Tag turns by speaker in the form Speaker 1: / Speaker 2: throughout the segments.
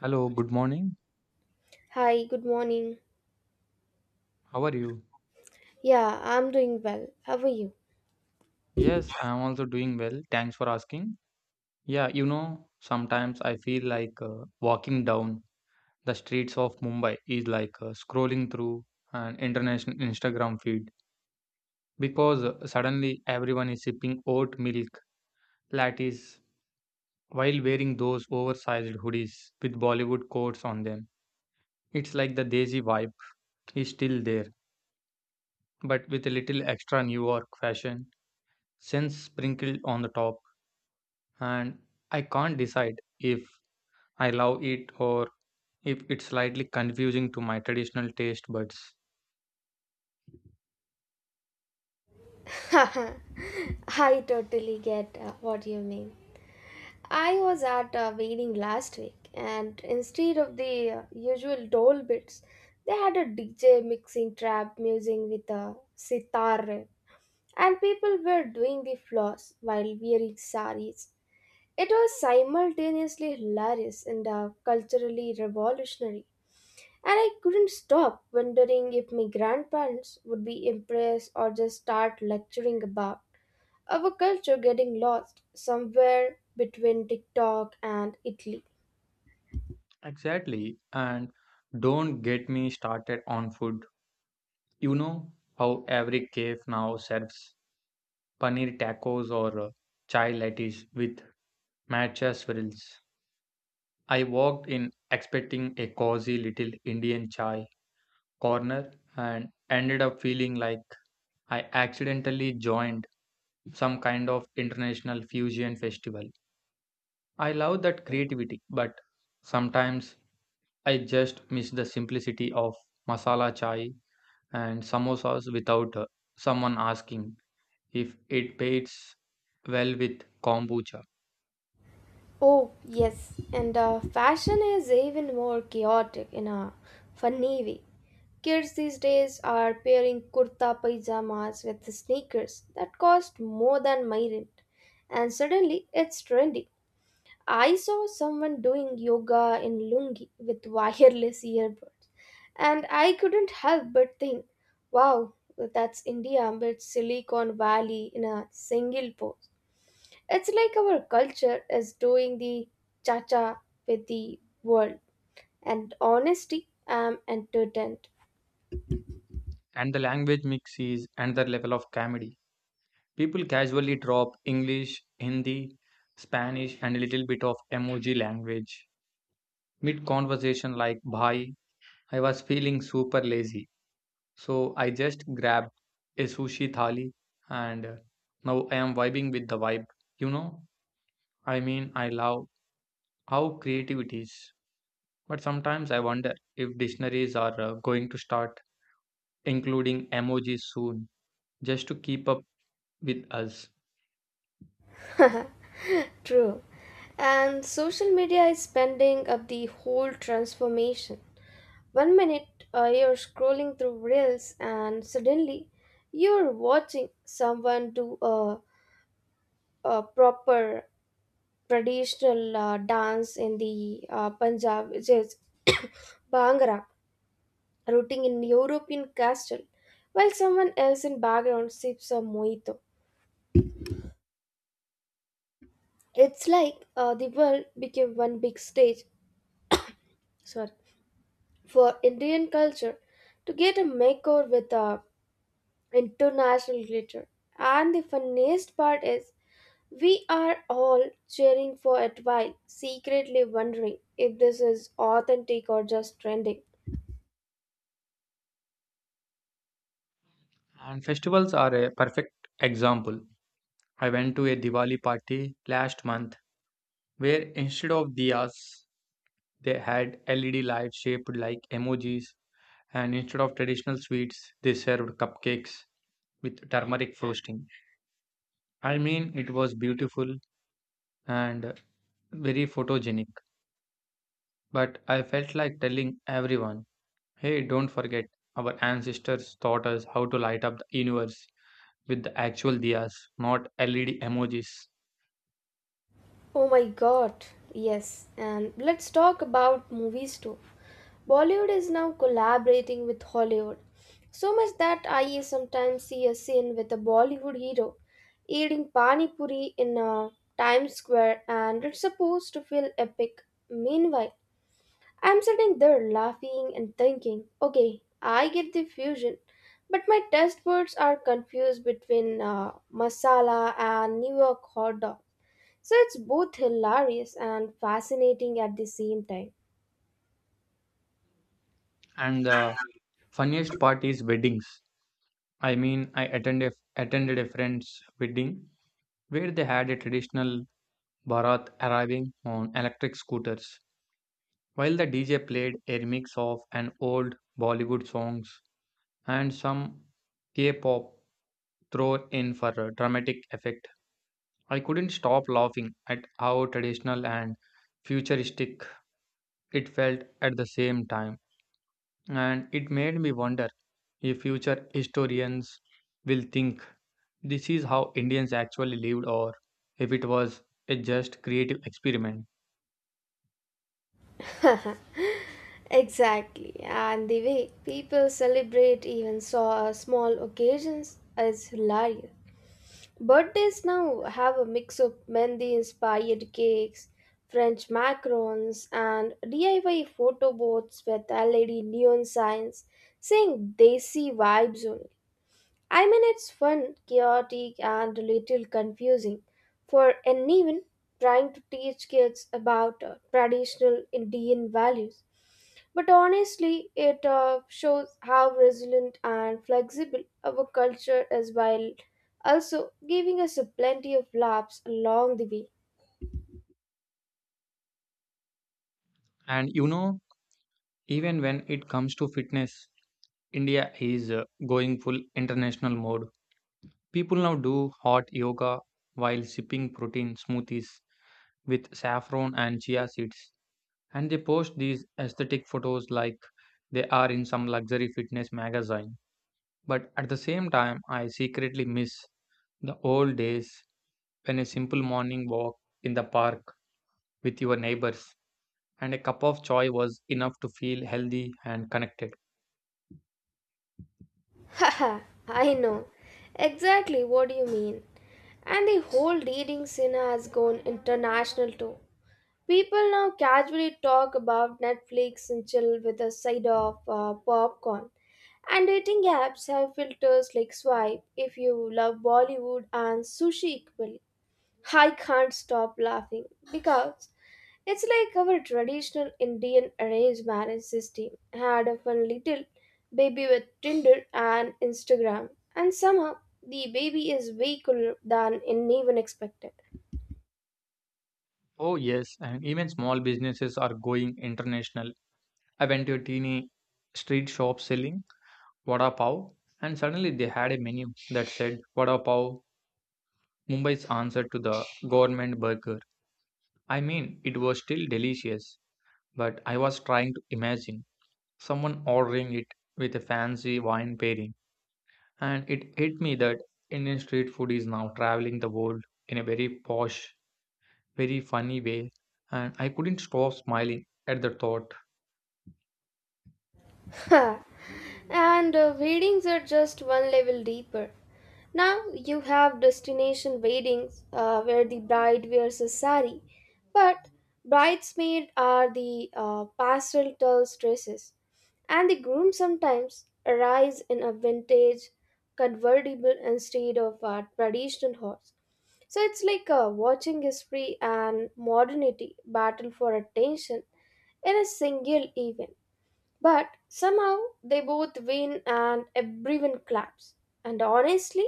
Speaker 1: Hello, good morning.
Speaker 2: Hi, good morning.
Speaker 1: How are you?
Speaker 2: Yeah, I'm doing well. How are you?
Speaker 1: Yes, I am also doing well. Thanks for asking. Yeah, you know, sometimes I feel like walking down the streets of Mumbai is like scrolling through an international Instagram feed because suddenly everyone is sipping oat milk lattes while wearing those oversized hoodies with Bollywood quotes on them. It's like the Desi vibe is still there, but with a little extra New York fashion sense sprinkled on the top. And I can't decide if I love it or if it's slightly confusing to my traditional taste buds.
Speaker 2: I totally get what you mean. I was at a wedding last week, and instead of the usual dole bits, they had a DJ mixing trap music with a sitar, and people were doing the floors while wearing saris. It was simultaneously hilarious and culturally revolutionary, and I couldn't stop wondering if my grandparents would be impressed or just start lecturing about our culture getting lost somewhere between TikTok and Italy.
Speaker 1: Exactly, and don't get me started on food. You know how every cafe now serves paneer tacos or chai lattes with matcha swirls. I walked in expecting a cozy little Indian chai corner and ended up feeling like I accidentally joined some kind of international fusion festival. I love that creativity, but sometimes I just miss the simplicity of masala chai and samosas without someone asking if it pairs well with kombucha.
Speaker 2: Oh, yes, and fashion is even more chaotic in a funny way. Kids these days are pairing kurta pajamas with sneakers that cost more than my rent, and suddenly it's trendy. I saw someone doing yoga in lungi with wireless earbuds, and I couldn't help but think, wow, that's India but Silicon Valley in a single pose. It's like our culture is doing the cha cha with the world. And honesty, I'm entertained.
Speaker 1: And the language mix is another level of comedy. People casually drop English, Hindi, Spanish, and a little bit of emoji language mid conversation, like bhai. I was feeling super lazy. So I just grabbed a sushi thali and now I am vibing with the vibe. You know, I mean, I love how creative it is. But sometimes I wonder if dictionaries are going to start including emojis soon just to keep up with us.
Speaker 2: True. And social media is spending up the whole transformation. One minute you're scrolling through reels, and suddenly you're watching someone do a proper traditional dance in the Punjab, which is Bhangra, rooting in European castle, while someone else in background sips a mojito. It's like the world became one big stage, sorry, for Indian culture to get a makeover with a international glitter. And the funniest part is we are all cheering for it while secretly wondering if this is authentic or just trending.
Speaker 1: And festivals are a perfect example. I went to a Diwali party last month where instead of diyas, they had LED lights shaped like emojis and instead of traditional sweets, they served cupcakes with turmeric frosting. I mean, it was beautiful and very photogenic, but I felt like telling everyone, hey, don't forget, our ancestors taught us how to light up the universe with the actual diyas, not LED emojis.
Speaker 2: Oh my god, yes. And let's talk about movies too. Bollywood is now collaborating with Hollywood, so much that I sometimes see a scene with a Bollywood hero eating pani puri in Times Square, and it's supposed to feel epic. Meanwhile, I'm sitting there laughing and thinking, okay, I get the fusion, but my test words are confused between masala and New York hot dog. So it's both hilarious and fascinating at the same time.
Speaker 1: And the funniest part is weddings. I mean, I attended a friend's wedding where they had a traditional Bharat arriving on electric scooters while the DJ played a remix of an old Bollywood songs and some K-pop throw in for a dramatic effect. I couldn't stop laughing at how traditional and futuristic it felt at the same time, and it made me wonder if future historians will think this is how Indians actually lived or if it was a just creative experiment.
Speaker 2: Exactly, and the way people celebrate even so small occasions is hilarious. Birthdays now have a mix of Mendi inspired cakes, French macarons, and DIY photo booths with LED neon signs saying Desi vibes only. I mean, it's fun, chaotic, and a little confusing for anyone trying to teach kids about traditional Indian values. But honestly, it shows how resilient and flexible our culture is, while also giving us a plenty of laughs along the way.
Speaker 1: And you know, even when it comes to fitness, India is going full international mode. People now do hot yoga while sipping protein smoothies with saffron and chia seeds. And they post these aesthetic photos like they are in some luxury fitness magazine. But at the same time, I secretly miss the old days when a simple morning walk in the park with your neighbors and a cup of chai was enough to feel healthy and connected.
Speaker 2: Haha, I know exactly what you mean. And the whole dating scene has gone international too. People now casually talk about Netflix and chill with a side of popcorn. And dating apps have filters like swipe if you love Bollywood and sushi equally. I can't stop laughing because it's like our traditional Indian arranged marriage system had a fun little baby with Tinder and Instagram, and somehow the baby is way cooler than anyone expected.
Speaker 1: Oh, yes, and even small businesses are going international. I went to a teeny street shop selling vada pav, and suddenly they had a menu that said vada pav, Mumbai's answer to the government burger. I mean, it was still delicious, but I was trying to imagine someone ordering it with a fancy wine pairing, and it hit me that Indian street food is now traveling the world in a very posh, very funny way, and I couldn't stop smiling at the thought.
Speaker 2: Ha. And weddings are just one level deeper. Now you have destination weddings where the bride wears a sari, but bridesmaids are the pastel dresses, and the groom sometimes arrives in a vintage convertible instead of a traditional horse. So it's like watching history and modernity battle for attention in a single event. But somehow they both win and everyone claps. And honestly,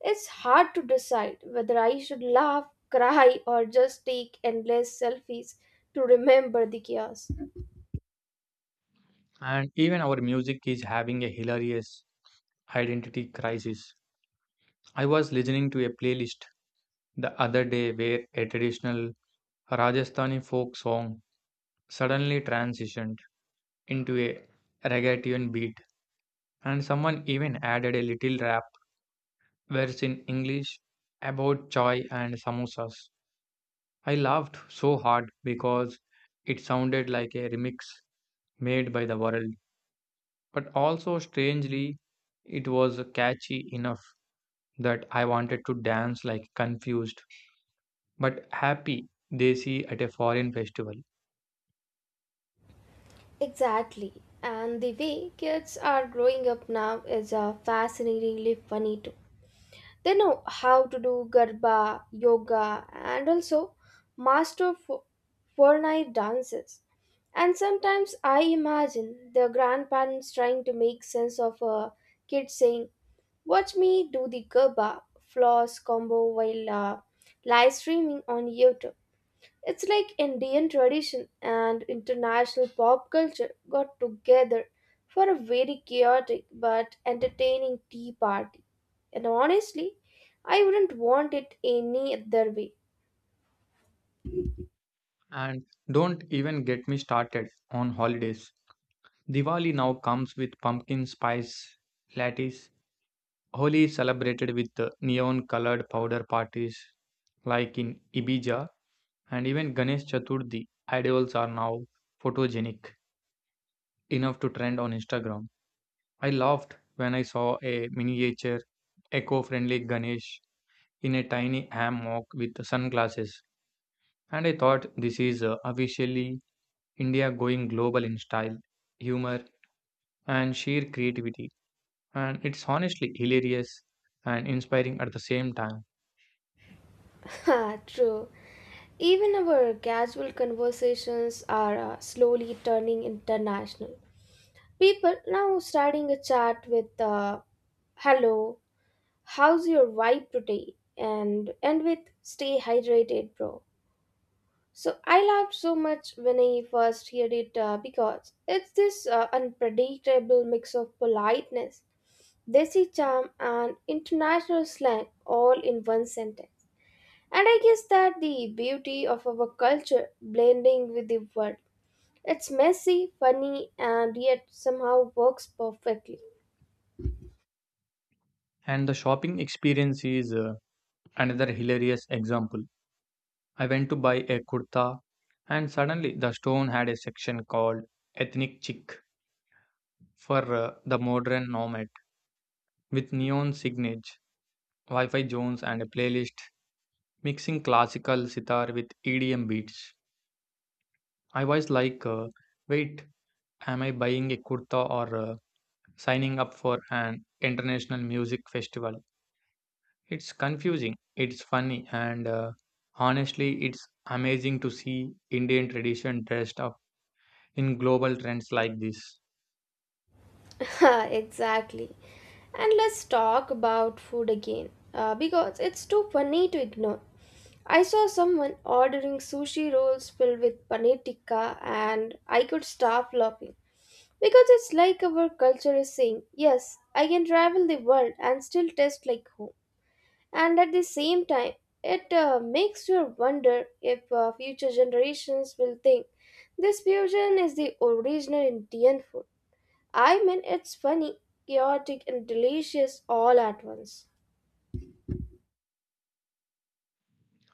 Speaker 2: it's hard to decide whether I should laugh, cry, or just take endless selfies to remember the chaos.
Speaker 1: And even our music is having a hilarious identity crisis. I was listening to a playlist the other day where a traditional Rajasthani folk song suddenly transitioned into a reggaeton beat, and someone even added a little rap verse in English about chai and samosas. I laughed so hard because it sounded like a remix made by the world, but also strangely, it was catchy enough that I wanted to dance like confused but happy they see at a foreign festival.
Speaker 2: Exactly. And the way kids are growing up now is fascinatingly funny too. They know how to do garba, yoga, and also master Fortnite dances. And sometimes I imagine the grandparents trying to make sense of a kid saying, watch me do the Gerba floss combo while live streaming on YouTube. It's like Indian tradition and international pop culture got together for a very chaotic but entertaining tea party. And honestly, I wouldn't want it any other way.
Speaker 1: And don't even get me started on holidays. Diwali now comes with pumpkin spice lattes. Holi is celebrated with neon colored powder parties like in Ibija, and even Ganesh Chaturthi idols are now photogenic enough to trend on Instagram. I laughed when I saw a miniature eco-friendly Ganesh in a tiny hammock with sunglasses. And I thought this is officially India going global in style, humor, and sheer creativity. And it's honestly hilarious and inspiring at the same time.
Speaker 2: Ha, true. Even our casual conversations are slowly turning international. People now starting a chat with hello, how's your vibe today? And end with stay hydrated, bro. So I laughed so much when I first heard it because it's this unpredictable mix of politeness, desi charm, and international slang all in one sentence. And I guess that the beauty of our culture blending with the world. It's messy, funny, and yet somehow works perfectly.
Speaker 1: And the shopping experience is another hilarious example. I went to buy a kurta, and suddenly the store had a section called Ethnic Chic for the modern nomad with neon signage, Wi Fi zones, and a playlist mixing classical sitar with EDM beats. I was like, wait, am I buying a kurta or signing up for an international music festival? It's confusing, it's funny, and honestly, it's amazing to see Indian tradition dressed up in global trends like this.
Speaker 2: Exactly. And let's talk about food again because it's too funny to ignore. I saw someone ordering sushi rolls filled with paneer tikka, and I could stop laughing because it's like our culture is saying, yes, I can travel the world and still taste like home. And at the same time, it makes you wonder if future generations will think this fusion is the original indian food. I mean, it's funny, chaotic, and delicious all at once.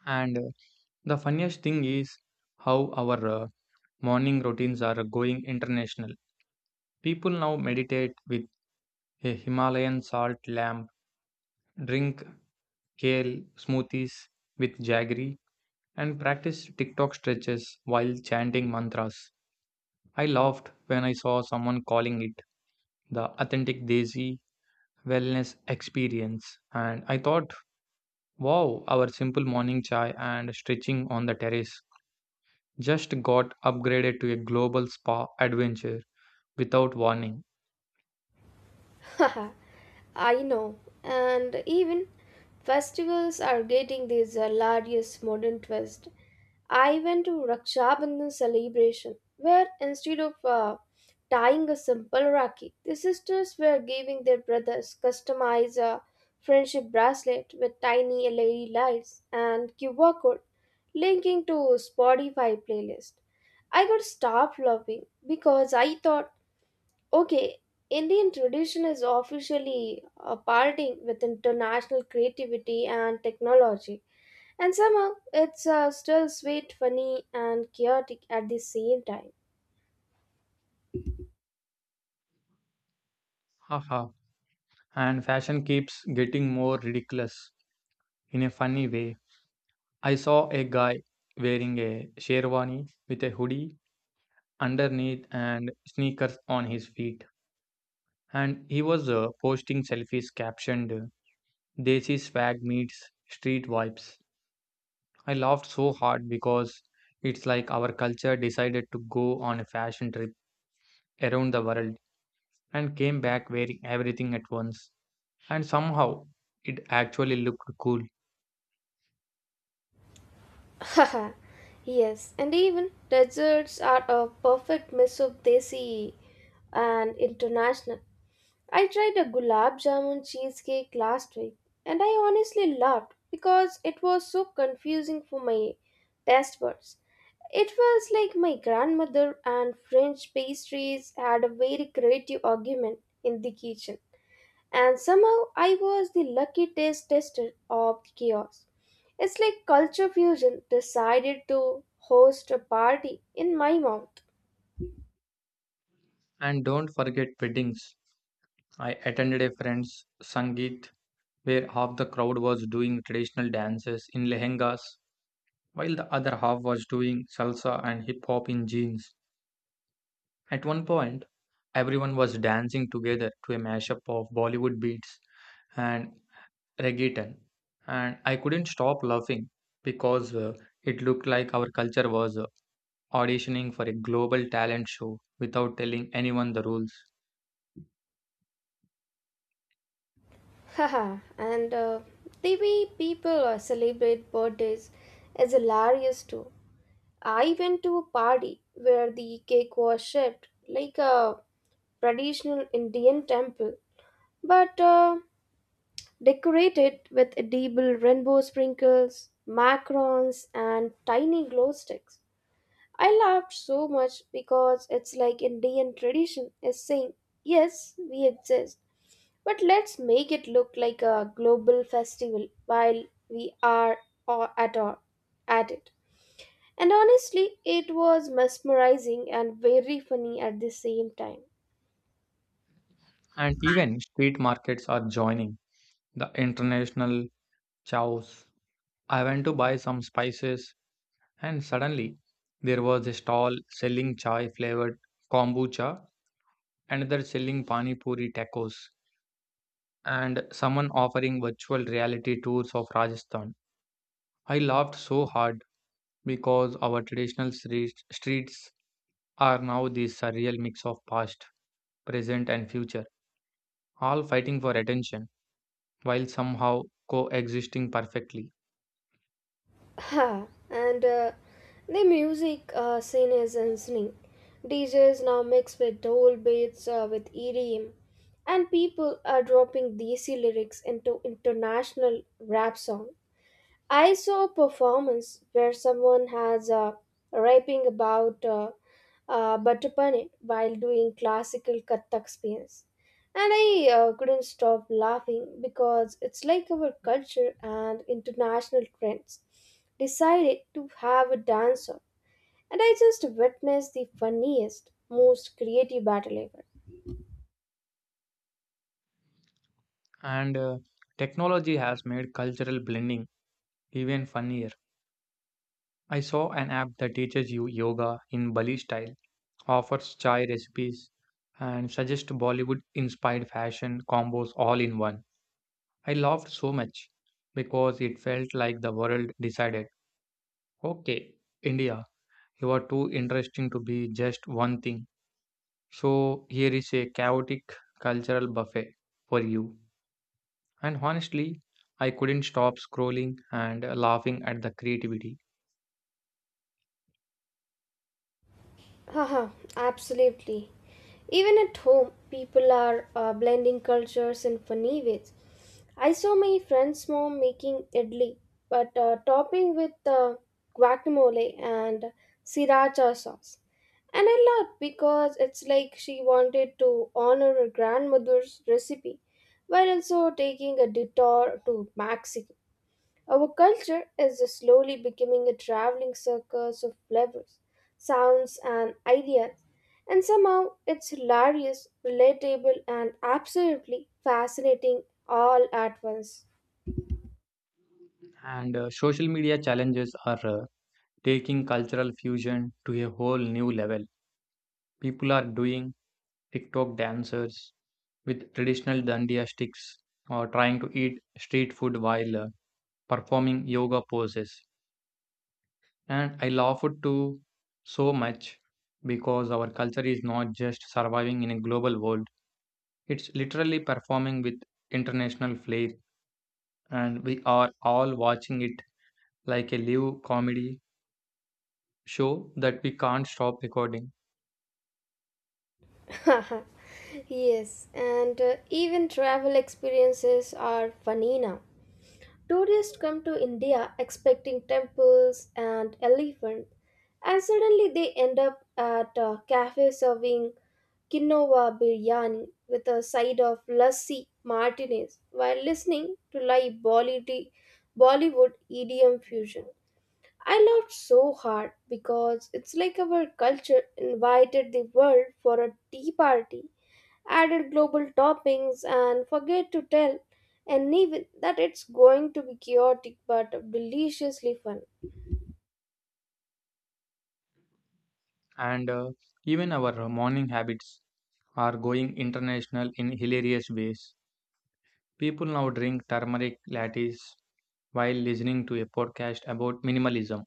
Speaker 1: And the funniest thing is how our morning routines are going international. People now meditate with a Himalayan salt lamp, drink kale smoothies with jaggery, and practice TikTok stretches while chanting mantras. I laughed when I saw someone calling it the authentic Desi wellness experience. And I thought, wow, our simple morning chai and stretching on the terrace just got upgraded to a global spa adventure without warning.
Speaker 2: Haha, I know. And even festivals are getting this hilarious modern twist. I went to Raksha Bandhan celebration where instead of tying a simple rakhi, the sisters were giving their brothers customized a friendship bracelet with tiny LED lights and QR code linking to Spotify playlist. I got starved laughing because I thought, okay, Indian tradition is officially partying with international creativity and technology, and somehow it's still sweet, funny, and chaotic at the same time.
Speaker 1: Haha. And fashion keeps getting more ridiculous in a funny way. I saw a guy wearing a sherwani with a hoodie underneath and sneakers on his feet. And he was posting selfies captioned Desi swag meets street vibes. I laughed so hard because it's like our culture decided to go on a fashion trip around the world and came back wearing everything at once. And somehow it actually looked cool.
Speaker 2: Haha, yes, and even desserts are a perfect mix of desi and international. I tried a gulab jamun cheesecake last week, and I honestly laughed because it was so confusing for my taste buds. It was like my grandmother and French pastries had a very creative argument in the kitchen, and somehow I was the lucky taste tester of the chaos. It's like Culture Fusion decided to host a party in my mouth.
Speaker 1: And don't forget weddings. I attended a friend's Sangeet where half the crowd was doing traditional dances in lehengas while the other half was doing salsa and hip hop in jeans. At one point, everyone was dancing together to a mashup of Bollywood beats and reggaeton, and I couldn't stop laughing because it looked like our culture was auditioning for a global talent show without telling anyone the rules.
Speaker 2: Haha, and the way people celebrate birthdays is hilarious too. I went to a party where the cake was shaped like a traditional Indian temple, but decorated with edible rainbow sprinkles, macarons, and tiny glow sticks. I laughed so much because it's like Indian tradition is saying, yes, we exist, but let's make it look like a global festival while we are or at all at it. And honestly, it was mesmerizing and very funny at the same time.
Speaker 1: And even street markets are joining the international chows. I went to buy some spices. And suddenly there was a stall selling chai flavored kombucha, another selling pani puri tacos, and someone offering virtual reality tours of Rajasthan. I laughed so hard because our traditional streets are now this surreal mix of past, present, and future, all fighting for attention while somehow coexisting perfectly.
Speaker 2: Ha, and the music scene is insane. DJs now mix with old beats with EDM, and people are dropping DC lyrics into international rap songs. I saw a performance where someone has a rapping about butter while doing classical Kathak spins. And I couldn't stop laughing because it's like our culture and international trends decided to have a dancer. And I just witnessed the funniest, most creative battle ever.
Speaker 1: And technology has made cultural blending even funnier. I saw an app that teaches you yoga in Bali style, offers chai recipes, and suggests Bollywood inspired fashion combos all in one. I laughed so much because it felt like the world decided, okay, India, you are too interesting to be just one thing. So here is a chaotic cultural buffet for you. And honestly, I couldn't stop scrolling and laughing at the creativity.
Speaker 2: Haha, absolutely. Even at home, people are blending cultures in funny ways. I saw my friend's mom making idli, but topping with guacamole and sriracha sauce. And I laughed because it's like she wanted to honor her grandmother's recipe while also taking a detour to Mexico. Our culture is slowly becoming a traveling circus of flavors, sounds, and ideas, and somehow it's hilarious, relatable, and absolutely fascinating all at once.
Speaker 1: And social media challenges are taking cultural fusion to a whole new level. People are doing TikTok dancers with traditional dandiya sticks or trying to eat street food while performing yoga poses. And I laughed to so much because our culture is not just surviving in a global world, it's literally performing with international flair, and we are all watching it like a live comedy show that we can't stop recording.
Speaker 2: Yes, and even travel experiences are funny now. Tourists come to India expecting temples and elephants, and suddenly they end up at a cafe serving quinoa biryani with a side of lassi martinez while listening to live Bollywood EDM fusion. I laughed so hard because it's like our culture invited the world for a tea party, added global toppings, and forget to tell anyone that it's going to be chaotic but deliciously fun.
Speaker 1: And even our morning habits are going international in hilarious ways. People now drink turmeric lattes while listening to a podcast about minimalism,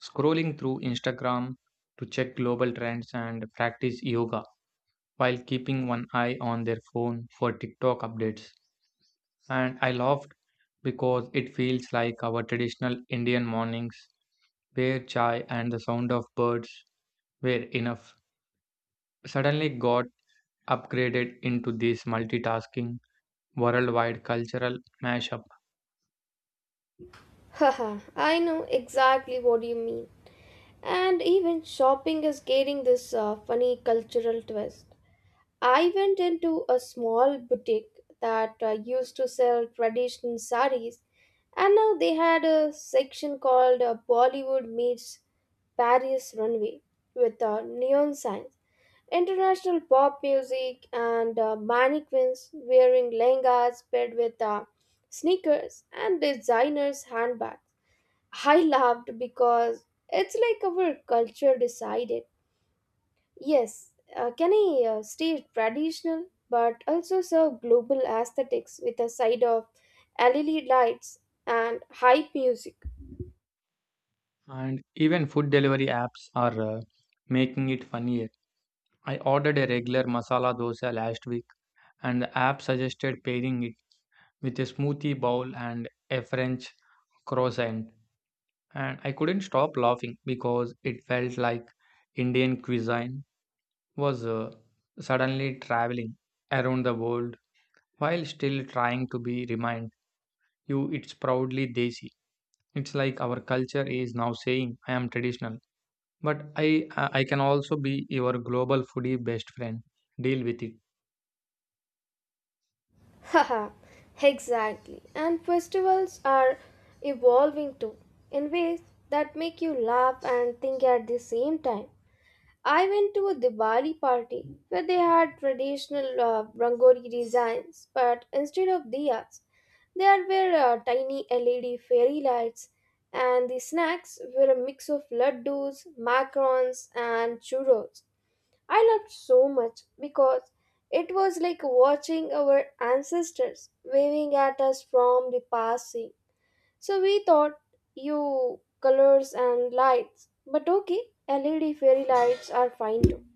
Speaker 1: scrolling through Instagram to check global trends and practice yoga while keeping one eye on their phone for TikTok updates. And I laughed because it feels like our traditional Indian mornings where chai and the sound of birds were enough, suddenly got upgraded into this multitasking worldwide cultural mashup.
Speaker 2: Haha, I know exactly what you mean. And even shopping is getting this funny cultural twist. I went into a small boutique that used to sell traditional saris, and now they had a section called Bollywood Meets Paris Runway with neon signs, international pop music, and mannequins wearing lehengas paired with sneakers and designers' handbags. I laughed because it's like our culture decided, yes, can I stay traditional but also serve global aesthetics with a side of LED lights and hype music?
Speaker 1: And even food delivery apps are making it funnier. I ordered a regular masala dosa last week, and the app suggested pairing it with a smoothie bowl and a french croissant, and I couldn't stop laughing because it felt like Indian cuisine was suddenly traveling around the world while still trying to be reminded you it's proudly desi. It's like our culture is now saying I am traditional, but I I can also be your global foodie best friend, deal with it.
Speaker 2: Haha, exactly. And festivals are evolving too in ways that make you laugh and think at the same time. I went to a Diwali party where they had traditional Rangori designs, but instead of diyas, there were tiny LED fairy lights, and the snacks were a mix of laddus, macarons, and churros. I loved so much because it was like watching our ancestors waving at us from the past. So we thought you colors and lights, but okay, LED fairy lights are fine too.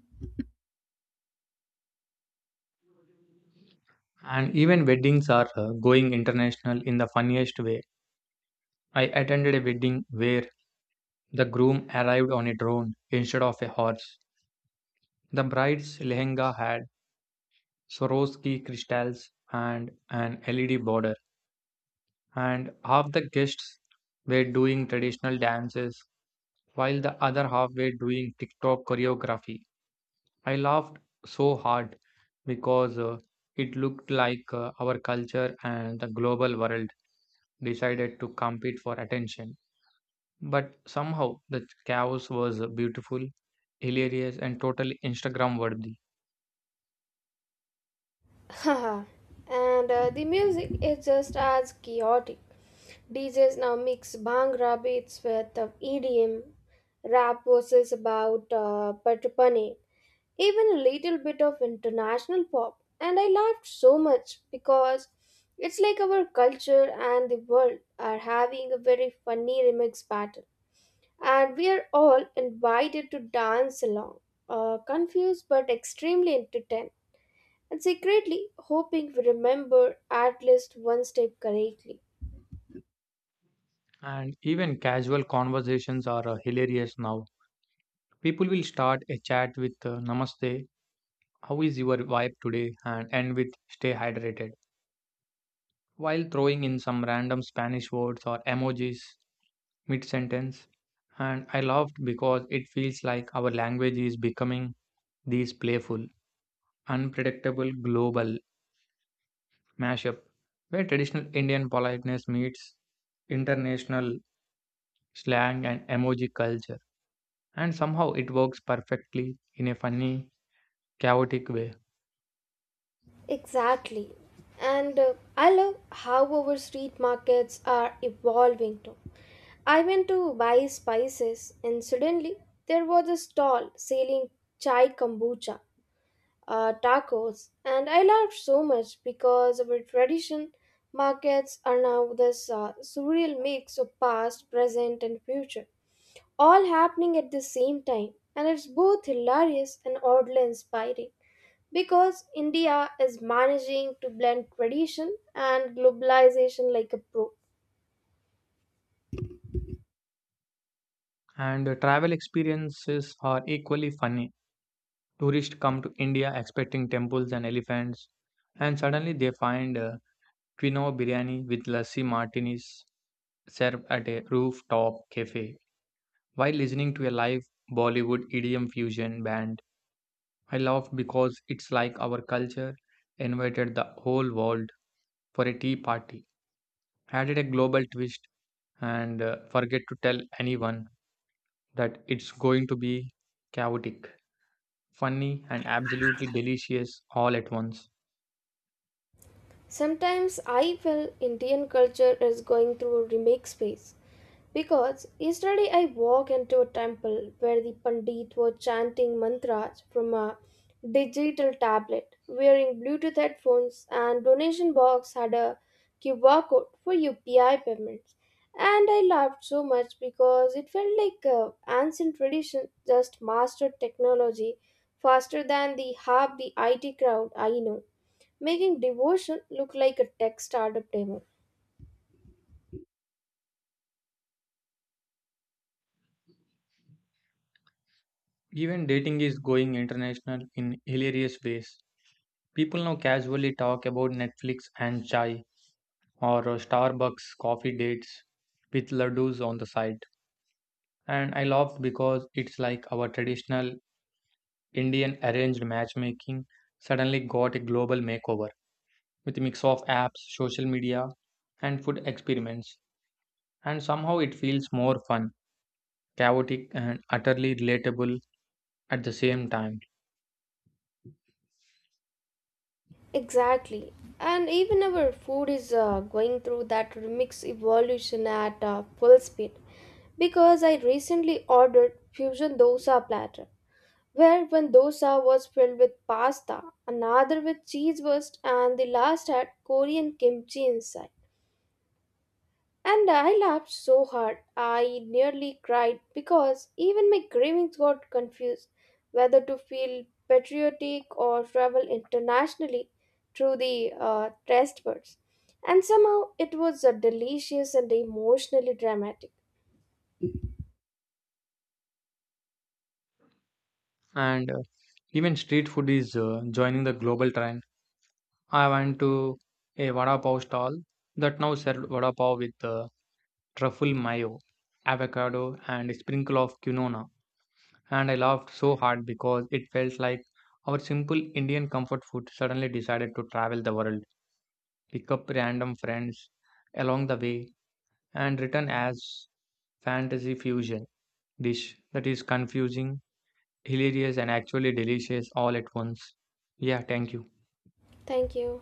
Speaker 1: And even weddings are going international in the funniest way. I attended a wedding where the groom arrived on a drone instead of a horse, the bride's lehenga had swarovski crystals and an led border, and half the guests were doing traditional dances while the other half were doing TikTok choreography. I laughed so hard because it looked like our culture and the global world decided to compete for attention. But somehow the chaos was beautiful, hilarious, and totally Instagram worthy.
Speaker 2: Haha. And the music is just as chaotic. DJs now mix bhangra beats with EDM, rap verses about Patapane, even a little bit of international pop. And I laughed so much because it's like our culture and the world are having a very funny remix battle. And we are all invited to dance along, confused but extremely entertained, and secretly hoping we remember at least one step correctly.
Speaker 1: And even casual conversations are hilarious now. People will start a chat with Namaste, how is your vibe today? And end with stay hydrated. While throwing in some random Spanish words or emojis mid sentence. And I laughed because it feels like our language is becoming this playful, unpredictable global mashup where traditional Indian politeness meets international slang and emoji culture. And somehow it works perfectly in a funny, chaotic way.
Speaker 2: Exactly. And I love how our street markets are evolving too. I went to buy spices and suddenly there was a stall selling chai kombucha tacos, and I laughed so much because our tradition markets are now this surreal mix of past, present, and future, all happening at the same time. And it's both hilarious and oddly inspiring because India is managing to blend tradition and globalization like a pro.
Speaker 1: And the travel experiences are equally funny. Tourists come to India expecting temples and elephants, and suddenly they find quinoa biryani with lassi martinis served at a rooftop cafe. While listening to a live Bollywood EDM fusion band, I laughed because it's like our culture invited the whole world for a tea party, added a global twist, and forget to tell anyone that it's going to be chaotic, funny, and absolutely delicious all at once.
Speaker 2: Sometimes I feel Indian culture is going through a remake phase, because yesterday I walked into a temple where the Pandit were chanting mantras from a digital tablet, wearing Bluetooth headphones, and donation box had a QR code for UPI payments. And I laughed so much because it felt like ancient tradition just mastered technology faster than the half the IT crowd I know, making devotion look like a tech startup demo.
Speaker 1: Even dating is going international in hilarious ways. People now casually talk about Netflix and chai or Starbucks coffee dates with laddus on the side. And I laughed because it's like our traditional Indian arranged matchmaking suddenly got a global makeover with a mix of apps, social media, and food experiments. And somehow it feels more fun, chaotic, and utterly relatable at the same time.
Speaker 2: Exactly. And even our food is going through that remix evolution at full speed, because I recently ordered fusion dosa platter where one dosa was filled with pasta, another with cheese burst, and the last had Korean kimchi inside. And I laughed so hard I nearly cried because even my cravings got confused whether to feel patriotic or travel internationally through the taste buds. And somehow it was delicious and emotionally dramatic.
Speaker 1: And even street food is joining the global trend. I went to a vada pav stall that now served vada pav with truffle mayo, avocado, and a sprinkle of quinoa. And I laughed so hard because it felt like our simple Indian comfort food suddenly decided to travel the world, pick up random friends along the way, and return as fantasy fusion dish that is confusing, hilarious, and actually delicious all at once. Yeah, thank you.
Speaker 2: Thank you.